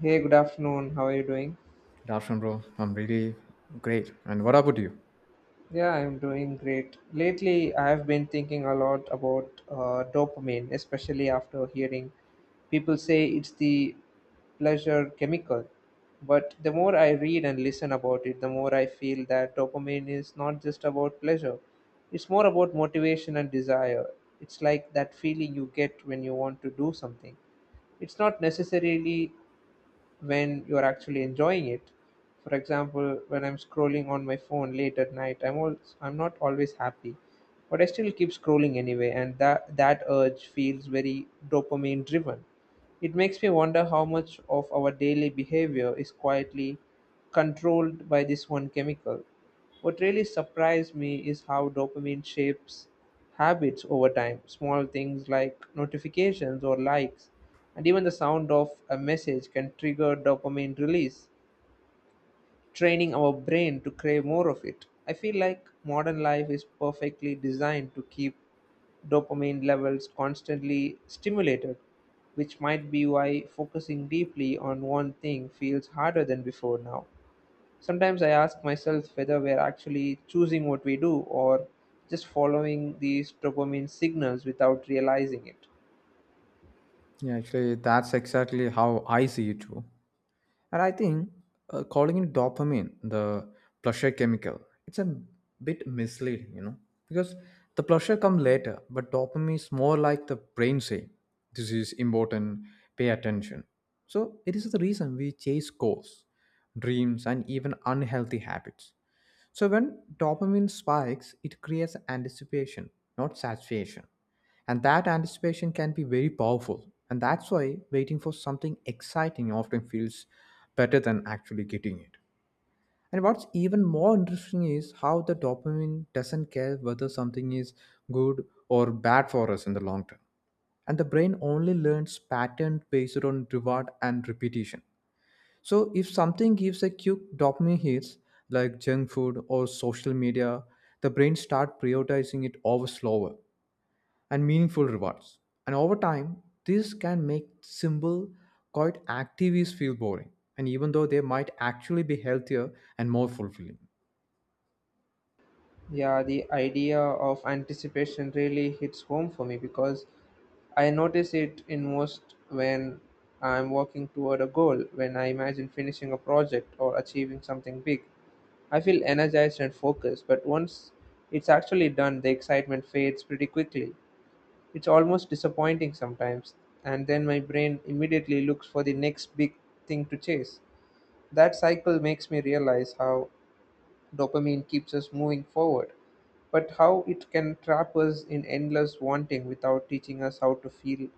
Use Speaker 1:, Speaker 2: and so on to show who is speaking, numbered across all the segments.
Speaker 1: Hey, good afternoon. How are you doing?
Speaker 2: Good afternoon, bro. I'm really great. And what about you?
Speaker 1: Yeah, I'm doing great. Lately, I've been thinking a lot about dopamine, especially after hearing people say it's the pleasure chemical. But the more I read and listen about it, the more I feel that dopamine is not just about pleasure, it's more about motivation and desire. It's like that feeling you get when you want to do something. It's not necessarily when you're actually enjoying it. For example, when I'm scrolling on my phone late at night, I'm not always happy, but I still keep scrolling anyway, and that urge feels very dopamine driven. It makes me wonder how much of our daily behavior is quietly controlled by this one chemical. What really surprised me is how dopamine shapes habits over time. Small things like notifications or likes, and even the sound of a message can trigger dopamine release, training our brain to crave more of it. I feel like modern life is perfectly designed to keep dopamine levels constantly stimulated, which might be why focusing deeply on one thing feels harder than before now. Sometimes I ask myself whether we're actually choosing what we do or just following these dopamine signals without realizing it.
Speaker 2: Yeah, actually, that's exactly how I see it too. And I think calling it dopamine, the pleasure chemical, it's a bit misleading, you know, because the pleasure comes later, but dopamine is more like the brain saying, this is important, pay attention. So it is the reason we chase goals, dreams, and even unhealthy habits. So when dopamine spikes, it creates anticipation, not satisfaction. And that anticipation can be very powerful. And that's why waiting for something exciting often feels better than actually getting it. And what's even more interesting is how the dopamine doesn't care whether something is good or bad for us in the long term. And the brain only learns pattern based on reward and repetition. So if something gives a quick dopamine hits like junk food or social media, the brain start prioritizing it over slower and meaningful rewards. And over time, this can make simple, quiet activities feel boring. And even though they might actually be healthier and more fulfilling.
Speaker 1: Yeah, the idea of anticipation really hits home for me because I notice it in most when I'm working toward a goal, when I imagine finishing a project or achieving something big. I feel energized and focused, but once it's actually done, the excitement fades pretty quickly. It's almost disappointing sometimes, and then my brain immediately looks for the next big thing to chase. That cycle makes me realize how dopamine keeps us moving forward, but how it can trap us in endless wanting without teaching us how to feel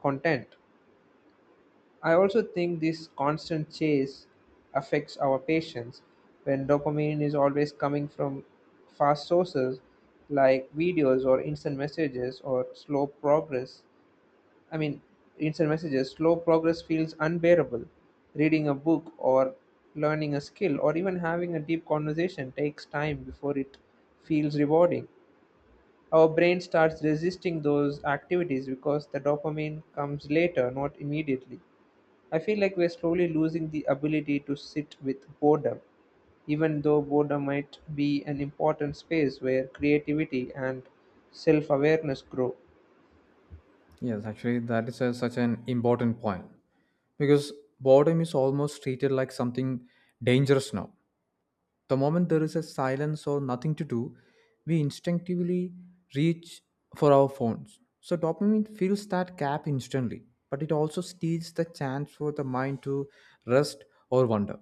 Speaker 1: content. I also think this constant chase affects our patience when dopamine is always coming from fast sources like videos or instant messages or slow progress. I mean, instant messages, slow progress feels unbearable. Reading a book or learning a skill or even having a deep conversation takes time before it feels rewarding. Our brain starts resisting those activities because the dopamine comes later, not immediately. I feel like we're slowly losing the ability to sit with boredom, even though boredom might be an important space where creativity and self awareness grow.
Speaker 2: Yes, actually, such an important point because boredom is almost treated like something dangerous now. The moment there is a silence or nothing to do, we instinctively reach for our phones. So dopamine fills that gap instantly, but it also steals the chance for the mind to rest or wonder.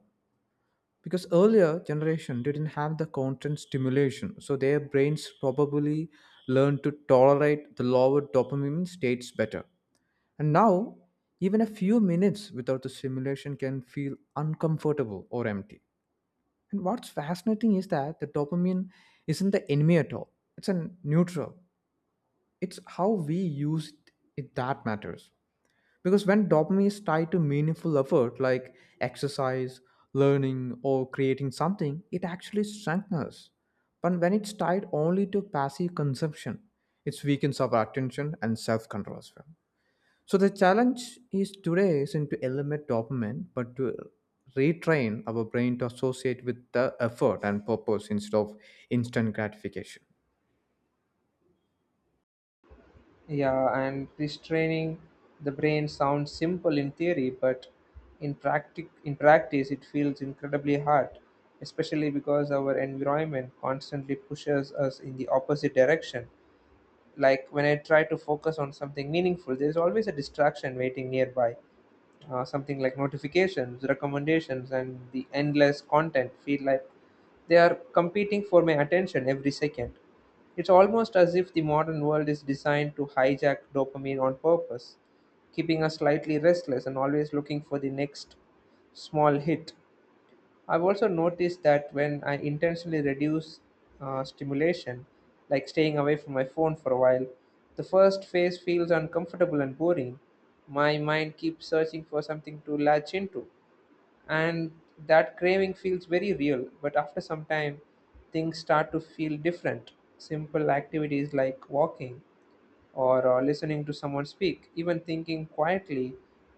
Speaker 2: Because earlier generation didn't have the constant stimulation, so their brains probably learned to tolerate the lower dopamine states better. And now, even a few minutes without the stimulation can feel uncomfortable or empty. And what's fascinating is that the dopamine isn't the enemy at all. It's a neutral. It's how we use it that matters. Because when dopamine is tied to meaningful effort like exercise, learning, or creating something, it actually strengthens us. But when it's tied only to passive consumption, it weakens our attention and self control as well. So the challenge is today isn't to eliminate dopamine, but to retrain our brain to associate with the effort and purpose instead of instant gratification.
Speaker 1: Yeah, and restraining the brain sounds simple in theory, but in practice it feels incredibly hard, especially because our environment constantly pushes us in the opposite direction. Like when I try to focus on something meaningful, there's always a distraction waiting nearby. Uh, something like notifications, recommendations, and the endless content feel like they are competing for my attention every second. It's almost as if the modern world is designed to hijack dopamine on purpose, keeping us slightly restless and always looking for the next small hit. I've also noticed that when I intentionally reduce stimulation, like staying away from my phone for a while, the first phase feels uncomfortable and boring. My mind keeps searching for something to latch into, and that craving feels very real. But after some time, things start to feel different. Simple activities like walking or listening to someone speak, even thinking quietly,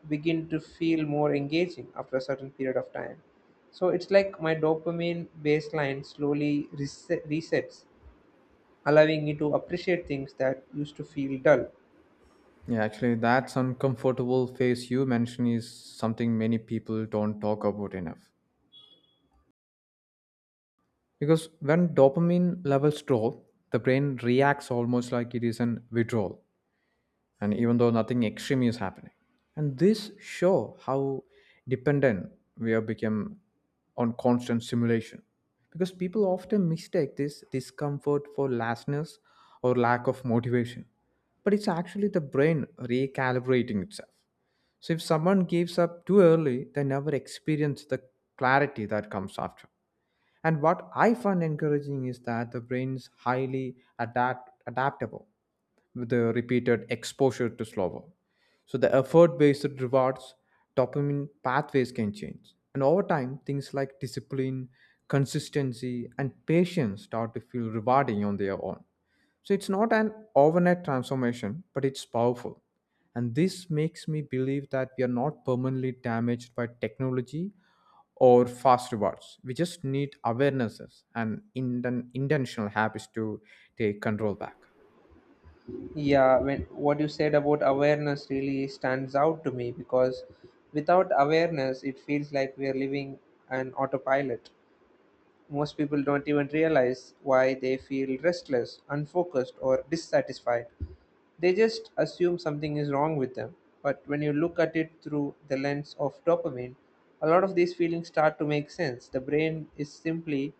Speaker 1: begin to feel more engaging after a certain period of time. So it's like my dopamine baseline slowly resets, allowing me to appreciate things that used to feel dull.
Speaker 2: Yeah, actually, that's uncomfortable phase you mentioned is something many people don't talk about enough. Because when dopamine levels drop, the brain reacts almost like it is an withdrawal. And even though nothing extreme is happening and this show how dependent we have become on constant simulation, because people often mistake this discomfort for lassness or lack of motivation, but it's actually the brain recalibrating itself. So if someone gives up too early they never experience the clarity that comes after. And what I find encouraging is that the brain is highly adaptable with the repeated exposure to slower. So the effort-based rewards dopamine pathways can change. And over time, things like discipline, consistency, and patience start to feel rewarding on their own. So it's not an overnight transformation, but it's powerful. And this makes me believe that we are not permanently damaged by technology or fast rewards. We just need awarenesses and intentional habits to take control back.
Speaker 1: Yeah, when what you said about awareness really stands out to me because without awareness, it feels like we are living an autopilot. Most people don't even realize why they feel restless, unfocused, or dissatisfied. They just assume something is wrong with them. But when you look at it through the lens of dopamine, a lot of these feelings start to make sense. The brain is simply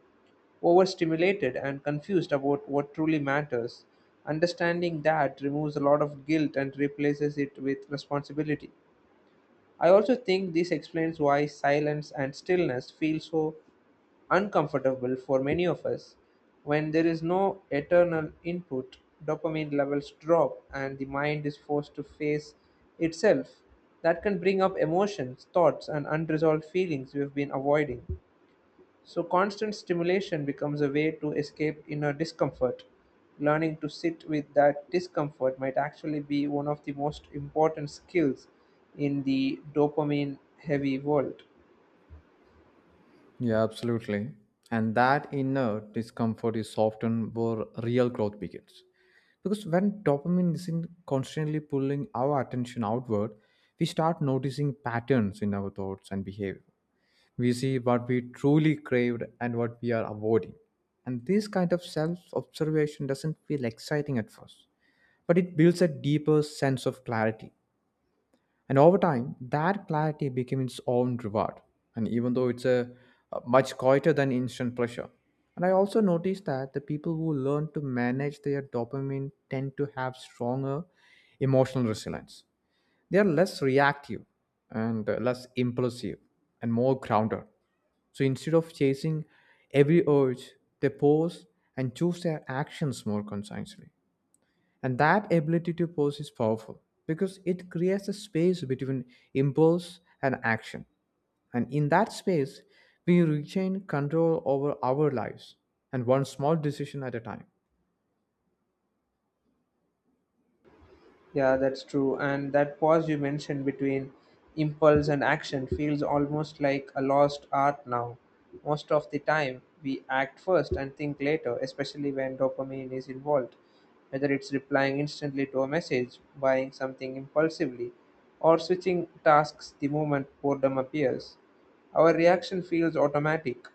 Speaker 1: overstimulated and confused about what truly matters. Understanding that removes a lot of guilt and replaces it with responsibility. I also think this explains why silence and stillness feel so uncomfortable for many of us. When there is no eternal input, dopamine levels drop and the mind is forced to face itself. That can bring up emotions, thoughts, and unresolved feelings we have been avoiding. So constant stimulation becomes a way to escape inner discomfort. Learning to sit with that discomfort might actually be one of the most important skills in the dopamine heavy world.
Speaker 2: Yeah, absolutely. And that inner discomfort is often where real growth begins. Because when dopamine isn't constantly pulling our attention outward, we start noticing patterns in our thoughts and behavior. We see what we truly craved and what we are avoiding. And this kind of self observation doesn't feel exciting at first, but it builds a deeper sense of clarity. And over time, that clarity became its own reward. And even though a much quieter than instant pleasure. And I also noticed that the people who learn to manage their dopamine tend to have stronger emotional resilience. They are less reactive and less impulsive and more grounded. So instead of chasing every urge, they pause and choose their actions more consciously. And that ability to pause is powerful because it creates a space between impulse and action. And in that space, we regain control over our lives and one small decision at a time.
Speaker 1: Yeah, that's true. And that pause you mentioned between impulse and action feels almost like a lost art now. Most of the time, we act first and think later, especially when dopamine is involved. Whether it's replying instantly to a message, buying something impulsively, or switching tasks the moment boredom appears, our reaction feels automatic.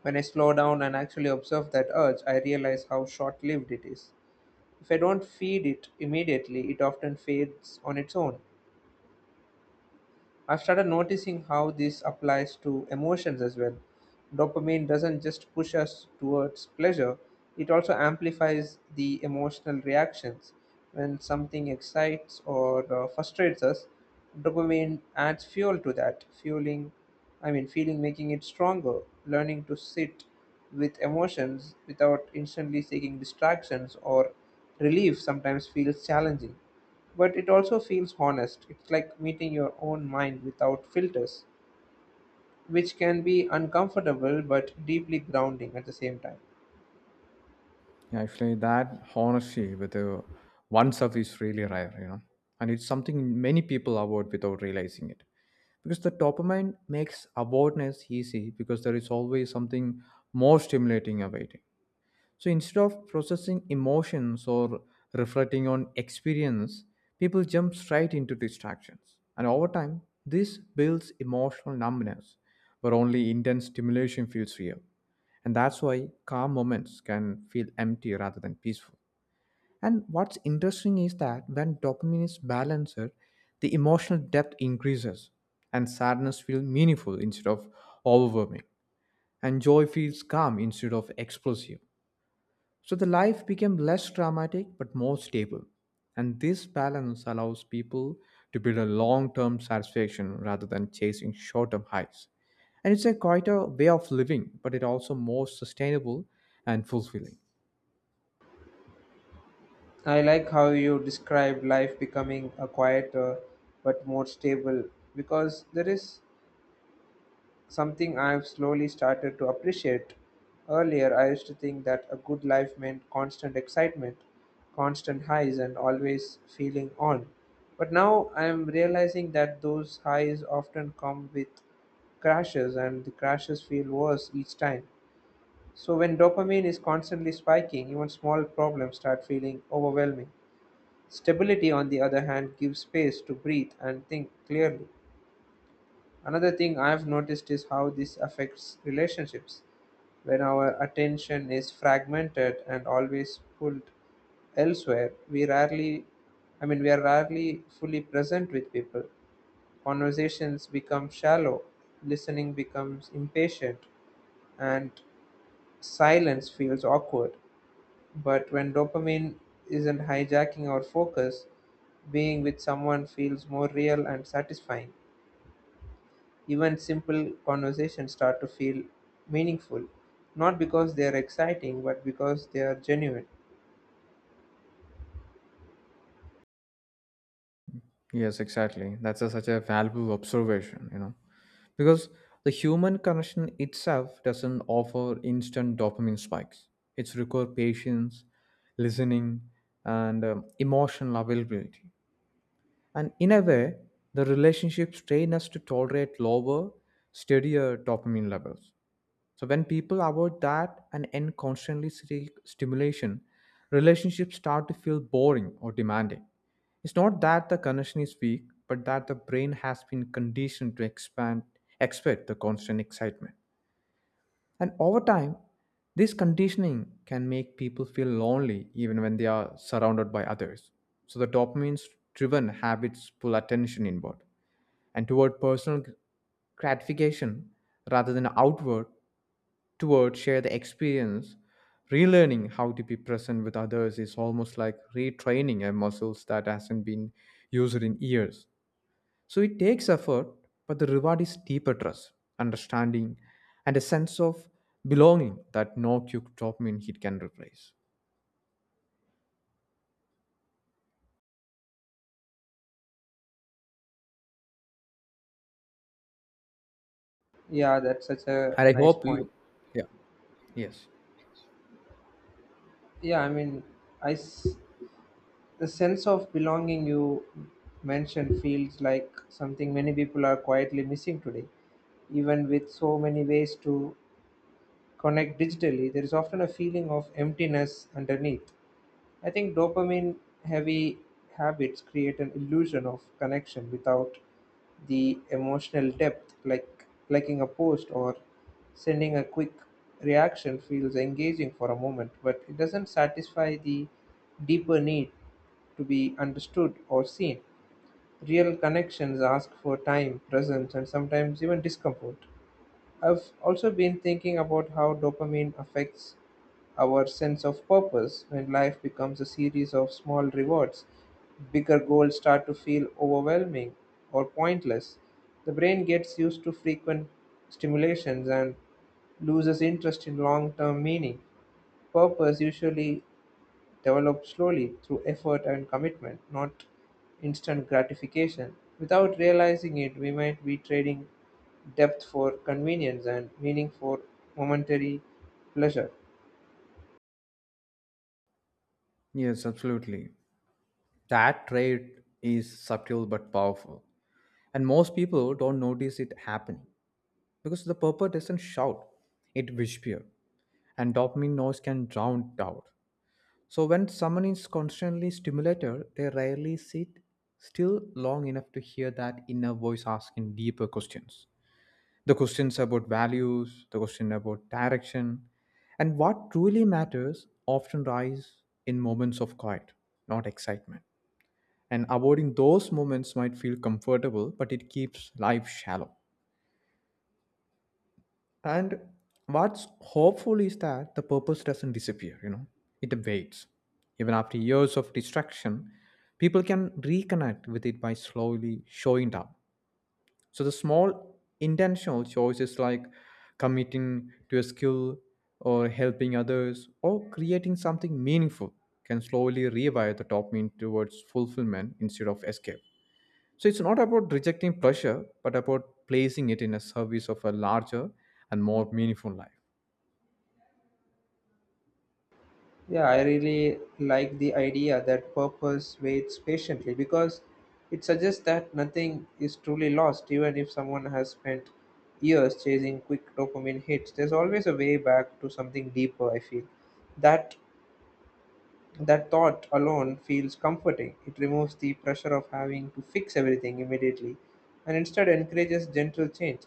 Speaker 1: When I slow down and actually observe that urge, I realize how short lived it is. If I don't feed it immediately, it often fades on its own. I've started noticing how this applies to emotions as well. Dopamine doesn't just push us towards pleasure, it also amplifies the emotional reactions. When something excites or frustrates us, dopamine adds fuel to that, feeling making it stronger. Learning to sit with emotions without instantly seeking distractions or relief sometimes feels challenging, but it also feels honest. It's like meeting your own mind without filters, which can be uncomfortable but deeply grounding at the same time.
Speaker 2: Yeah, actually, that honesty with oneself is really rare, you know, and it's something many people avoid without realizing it. Because the dopamine makes avoidance easy because there is always something more stimulating awaiting. So instead of processing emotions or reflecting on experience, people jump straight into distractions. And over time, this builds emotional numbness where only intense stimulation feels real. And that's why calm moments can feel empty rather than peaceful. And what's interesting is that when dopamine is balanced, the emotional depth increases and sadness feels meaningful instead of overwhelming. And joy feels calm instead of explosive. So the life became less dramatic but more stable. And this balance allows people to build a long term satisfaction rather than chasing short term highs. And it's a quieter way of living, but it also more sustainable and fulfilling.
Speaker 1: I like how you describe life becoming a quieter but more stable, because there is something I've slowly started to appreciate. Earlier, I used to think that a good life meant constant excitement, constant highs, and always feeling on. But now I'm realizing that those highs often come with crashes, and the crashes feel worse each time. So when dopamine is constantly spiking, even small problems start feeling overwhelming. Stability, on the other hand, gives space to breathe and think clearly. Another thing I have noticed is how this affects relationships. When our attention is fragmented and always pulled elsewhere, we are rarely fully present with people. Conversations become shallow, listening becomes impatient, and silence feels awkward. But when dopamine isn't hijacking our focus, being with someone feels more real and satisfying. Even simple conversations start to feel meaningful, not because they are exciting, but because they are genuine.
Speaker 2: Yes, exactly. Such a valuable observation, you know, because the human connection itself doesn't offer instant dopamine spikes. It's require patience, listening, and emotional availability. And in a way, the relationships train us to tolerate lower, steadier dopamine levels. So when people avoid that and end constantly seek stimulation, relationships start to feel boring or demanding. It's not that the connection is weak, but that the brain has been conditioned to expand expect the constant excitement. And over time, this conditioning can make people feel lonely even when they are surrounded by others. So the dopamine driven habits pull attention inward and toward personal gratification rather than outward toward share the experience. Relearning how to be present with others is almost like retraining a muscles that hasn't been used in years. So it takes effort, but the reward is deeper trust, understanding, and a sense of belonging that no quick dopamine hit can replace.
Speaker 1: Yeah, that's such a
Speaker 2: And I
Speaker 1: nice
Speaker 2: hope
Speaker 1: point.
Speaker 2: you, yeah, yes,
Speaker 1: Yeah, I mean, I s- the sense of belonging you mentioned feels like something many people are quietly missing today. Even with so many ways to connect digitally, there is often a feeling of emptiness underneath. I think dopamine heavy habits create an illusion of connection without the emotional depth. Like liking a post or sending a quick reaction feels engaging for a moment, but it doesn't satisfy the deeper need to be understood or seen. Real connections ask for time, presence, and sometimes even discomfort. I've also been thinking about how dopamine affects our sense of purpose when life becomes a series of small rewards. Bigger goals start to feel overwhelming or pointless. The brain gets used to frequent stimulations and loses interest in long term meaning. Purpose usually develop slowly through effort and commitment, not instant gratification. Without realizing it, we might be trading depth for convenience and meaning for momentary pleasure.
Speaker 2: yes, absolutely. That trait is subtle but powerful. And most people don't notice it happening because the purpose doesn't shout, it whispers. And dopamine noise can drown it out. So when someone is constantly stimulated, they rarely sit still long enough to hear that inner voice asking deeper questions. The questions about values, the question about direction, and what truly matters often rise in moments of quiet, not excitement. And avoiding those moments might feel comfortable, but it keeps life shallow. And what's hopeful is that the purpose doesn't disappear, you know, it abates. Even after years of distraction, people can reconnect with it by slowly showing up. So the small intentional choices like committing to a skill or helping others or creating something meaningful can slowly revive the dopamine towards fulfillment instead of escape. So it's not about rejecting pressure, but about placing it in a service of a larger and more meaningful life.
Speaker 1: Yeah, I really like the idea that purpose waits patiently, because it suggests that nothing is truly lost, even if someone has spent years chasing quick dopamine hits. There's always a way back to something deeper, I feel. That That thought alone feels comforting. It removes the pressure of having to fix everything immediately and instead encourages gentle change.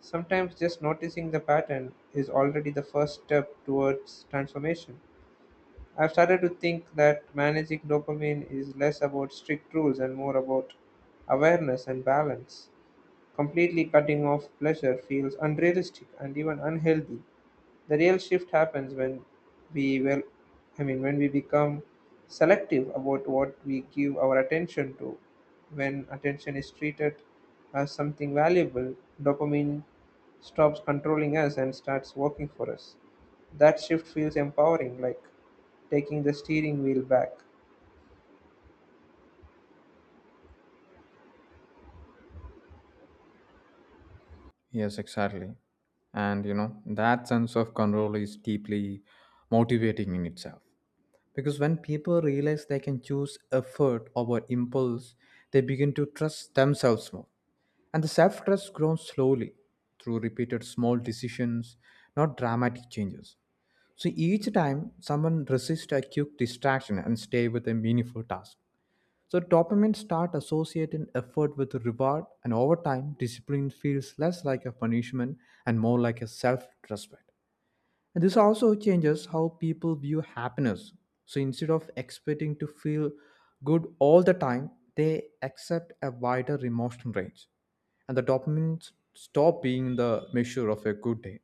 Speaker 1: Sometimes just noticing the pattern is already the first step towards transformation. I've started to think that managing dopamine is less about strict rules and more about awareness and balance. Completely cutting off pleasure feels unrealistic and even unhealthy. The real shift happens when we well I mean when we become selective about what we give our attention to. When attention is treated as something valuable, dopamine stops controlling us and starts working for us. That shift feels empowering, like taking the steering wheel back.
Speaker 2: Yes, exactly. And you know, that sense of control is deeply motivating in itself. Because when people realize they can choose effort over impulse, they begin to trust themselves more. And the self trust grows slowly through repeated small decisions, not dramatic changes. So each time someone resists a quick distraction and stay with a meaningful task, so dopamine start associating effort with reward and over time discipline feels less like a punishment and more like a self-respect. And this also changes how people view happiness. So instead of expecting to feel good all the time, they accept a wider emotional range. And the dopamine stop being the measure of a good day.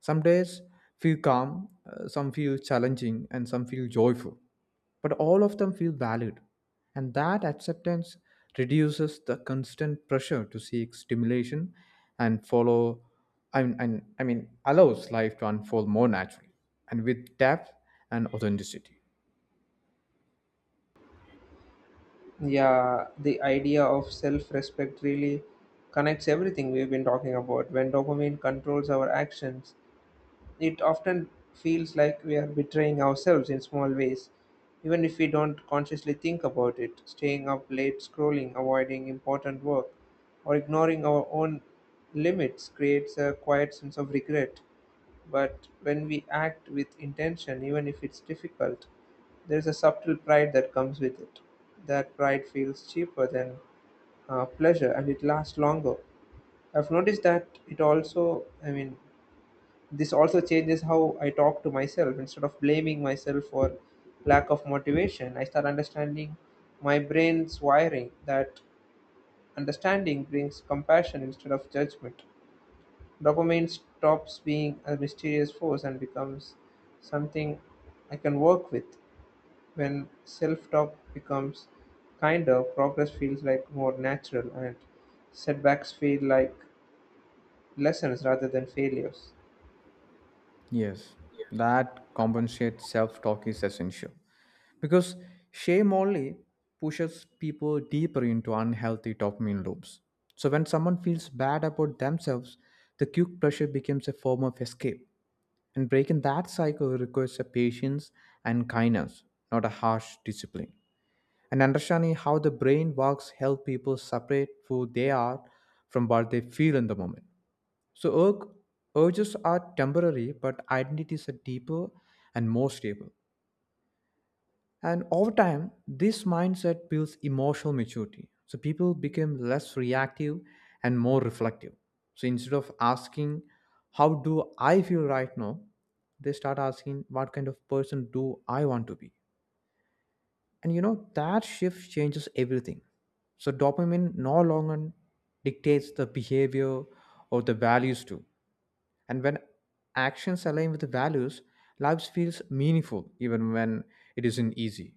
Speaker 2: Some days feel calm, some feel challenging, and some feel joyful but all of them feel valued. And that acceptance reduces the constant pressure to seek stimulation and I mean allows life to unfold more naturally and with depth and authenticity.
Speaker 1: Yeah, the idea of self respect really connects everything we've been talking about. When dopamine controls our actions, it often feels like we are betraying ourselves in small ways, even if we don't consciously think about it. Staying up late, scrolling, avoiding important work, or ignoring our own limits creates a quiet sense of regret. But when we act with intention, even if it's difficult, there is a subtle pride that comes with it. That pride feels cheaper than pleasure, and it lasts longer. I've noticed that it also, I mean, this also changes how I talk to myself. Instead of blaming myself for lack of motivation, I start understanding my brain's wiring. That understanding brings compassion instead of judgment. Dopamine stops being a mysterious force and becomes something I can work with. When self talk becomes kinder, progress feels like more natural and setbacks feel like lessons rather than failures.
Speaker 2: Yes, that compensates self talk is essential because shame only pushes people deeper into unhealthy dopamine loops. So when someone feels bad about themselves, the cue pressure becomes a form of escape. And breaking that cycle requires a patience and kindness, not a harsh discipline. And understanding how the brain works help people separate who they are from what they feel in the moment. So urges are temporary, but identities are deeper and more stable. And over time, this mindset builds emotional maturity. So people become less reactive and more reflective. So instead of asking, "How do I feel right now?" they start asking, "What kind of person do I want to be?" And you know, that shift changes everything. So dopamine no longer dictates the behavior or the values too. And when actions align with the values, life feels meaningful even when it isn't easy.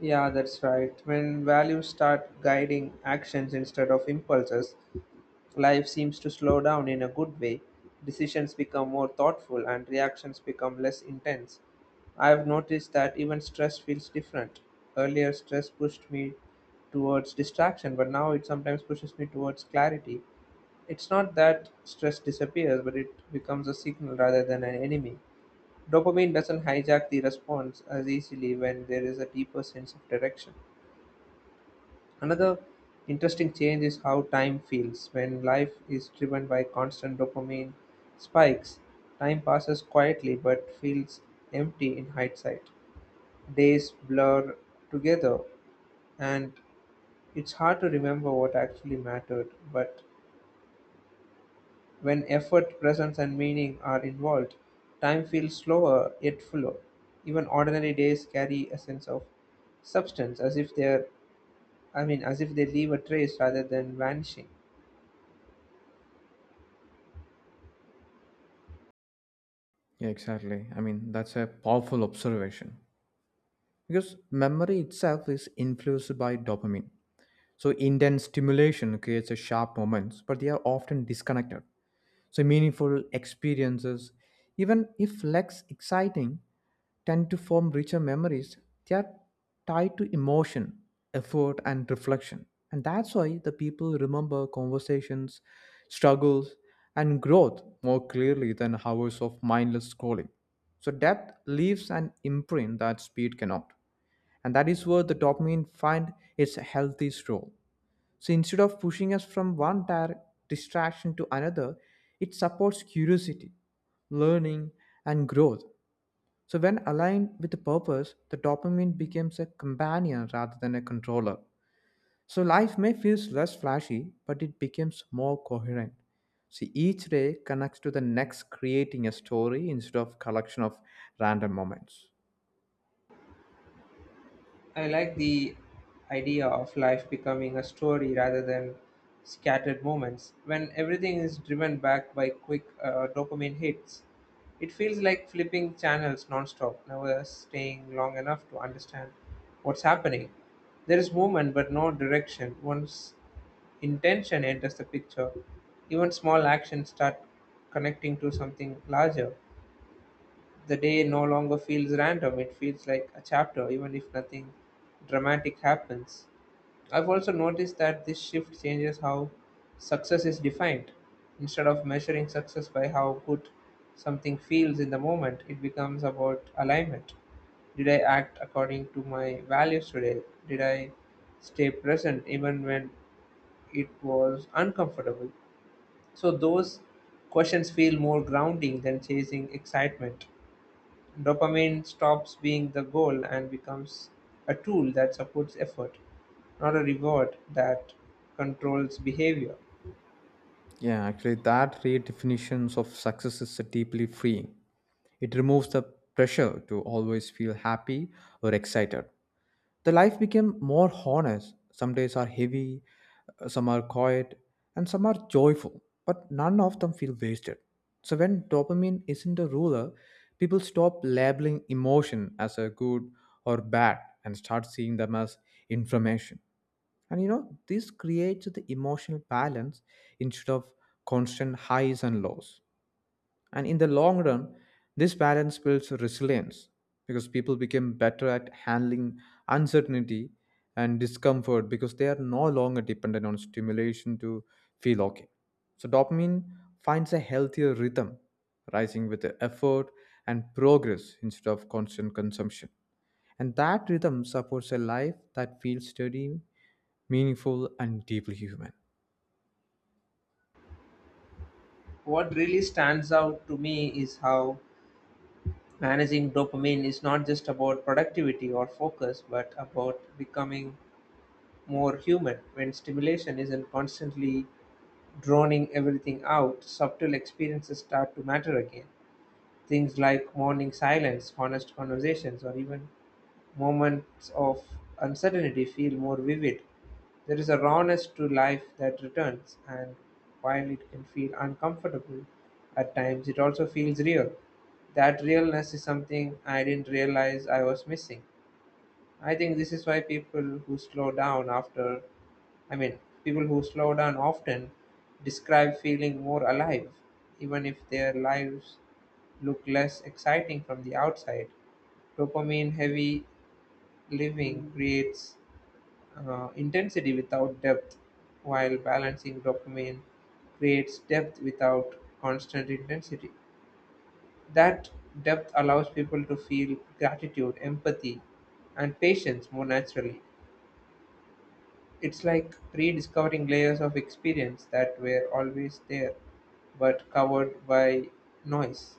Speaker 1: Yeah, that's right. When values start guiding actions instead of impulses, life seems to slow down in a good way. Decisions become more thoughtful and reactions become less intense. I've noticed that even stress feels different. Earlier, stress pushed me towards distraction, but now it sometimes pushes me towards clarity. It's not that stress disappears, but it becomes a signal rather than an enemy. Dopamine doesn't hijack the response as easily when there is a deeper sense of direction. Another interesting change is how time feels. When life is driven by constant dopamine spikes, time passes quietly but feels empty in hindsight. Days blur together, and it's hard to remember what actually mattered. But when effort, presence, and meaning are involved, time feels slower yet fuller. Even ordinary days carry a sense of substance, as if they leave a trace rather than vanishing.
Speaker 2: Yeah, exactly. I mean, that's a powerful observation because memory itself is influenced by dopamine. So intense stimulation creates a sharp moments, but they are often disconnected. So meaningful experiences, even if less exciting, tend to form richer memories. They are tied to emotion, effort and reflection. And that's why the people remember conversations, struggles, and growth more clearly than hours of mindless scrolling. So depth leaves an imprint that speed cannot. And that is where the dopamine find its healthiest role. So instead of pushing us from one dire distraction to another, it supports curiosity, learning, and growth. So when aligned with the purpose, the dopamine becomes a companion rather than a controller. So life may feel less flashy, but it becomes more coherent. See, each day connects to the next, creating a story instead of collection of random moments.
Speaker 1: I like the idea of life becoming a story rather than scattered moments. When everything is driven back by quick dopamine hits, it feels like flipping channels nonstop, never staying long enough to understand what's happening. There is movement but no direction. Once intention enters the picture, even small actions start connecting to something larger. The day no longer feels random, it feels like a chapter, even if nothing dramatic happens. I've also noticed that this shift changes how success is defined. Instead of measuring success by how good something feels in the moment, it becomes about alignment. Did I act according to my values today? Did I stay present even when it was uncomfortable? So, those questions feel more grounding than chasing excitement. Dopamine stops being the goal and becomes a tool that supports effort, not a reward that controls behavior.
Speaker 2: Yeah, actually, that redefinitions of success is deeply freeing. It removes the pressure to always feel happy or excited. The life became more honest. Some days are heavy, some are quiet, and some are joyful, but none of them feel wasted. So when dopamine isn't a ruler, people stop labeling emotion as a good or bad and start seeing them as information. And you know, this creates the emotional balance instead of constant highs and lows. And in the long run, this balance builds resilience because people become better at handling uncertainty and discomfort because they are no longer dependent on stimulation to feel okay. So, dopamine finds a healthier rhythm, rising with the effort and progress instead of constant consumption. And that rhythm supports a life that feels steady, meaningful, and deeply human.
Speaker 1: What really stands out to me is how managing dopamine is not just about productivity or focus, but about becoming more human. When stimulation isn't constantly droning everything out, subtle experiences start to matter again. Things like morning silence, honest conversations, or even moments of uncertainty feel more vivid. There is a rawness to life that returns, and while it can feel uncomfortable at times, it also feels real. That realness is something I didn't realize I was missing. I think this is why people who slow down often describe feeling more alive, even if their lives look less exciting from the outside. Dopamine heavy living creates intensity without depth, while balancing dopamine creates depth without constant intensity. That depth allows people to feel gratitude, empathy, and patience more naturally. It's like rediscovering layers of experience that were always there but covered by noise.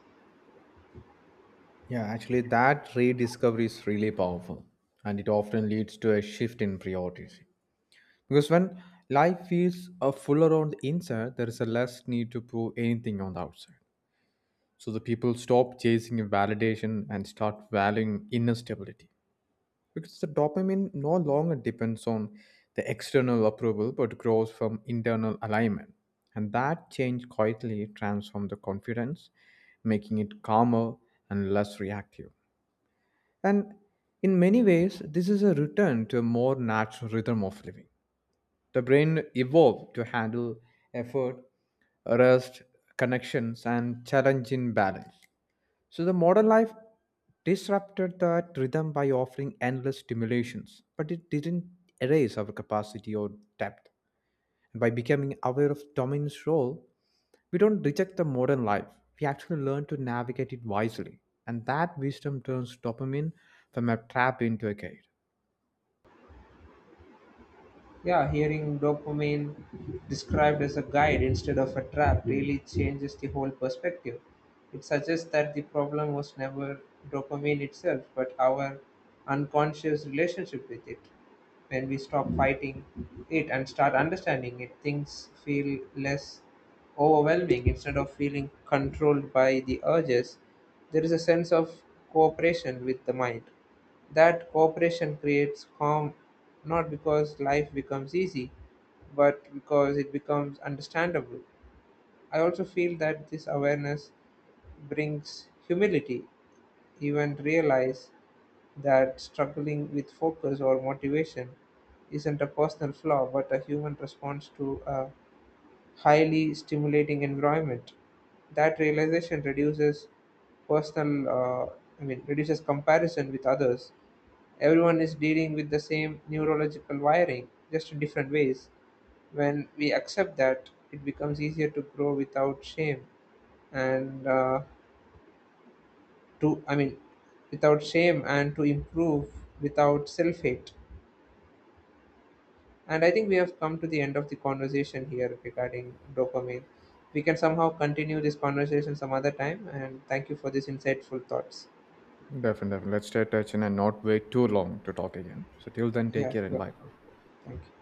Speaker 2: Yeah, actually, that rediscovery is really powerful, and it often leads to a shift in priorities. Because when life feels fuller on the inside, there is a less need to prove anything on the outside. So the people stop chasing validation and start valuing inner stability. Because the dopamine no longer depends on the external approval, but grows from internal alignment. And that change quietly transforms the confidence, making it calmer and less reactive. And in many ways, this is a return to a more natural rhythm of living. The brain evolved to handle effort, rest, connections, and challenging balance. So the modern life disrupted that rhythm by offering endless stimulations, but it didn't erase our capacity or depth. And by becoming aware of dominance role, we don't reject the modern life, we actually learn to navigate it wisely. And that wisdom turns dopamine from a trap into a gate.
Speaker 1: Yeah, hearing dopamine described as a guide instead of a trap really changes the whole perspective. It suggests that the problem was never dopamine itself, but our unconscious relationship with it. When we stop fighting it and start understanding it, things feel less overwhelming. Instead of feeling controlled by the urges, there is a sense of cooperation with the mind. That cooperation creates calm, not because life becomes easy, but because it becomes understandable. I also feel that this awareness brings humility, even realize that struggling with focus or motivation isn't a personal flaw but a human response to a highly stimulating environment. That realization reduces personal, uh, reduces comparison with others everyone is dealing with the same neurological wiring, just in different ways. When we accept that, it becomes easier to grow without shame and to, I mean, without shame and to improve without self hate. And I think we have come to the end of the conversation here regarding dopamine. We can somehow continue this conversation some other time. And thank you for these insightful thoughts.
Speaker 2: Definitely, definitely. Let's stay touching and not wait too long to talk again. So till then, take
Speaker 1: Yeah,
Speaker 2: care and
Speaker 1: sure.
Speaker 2: bye.
Speaker 1: Thank you.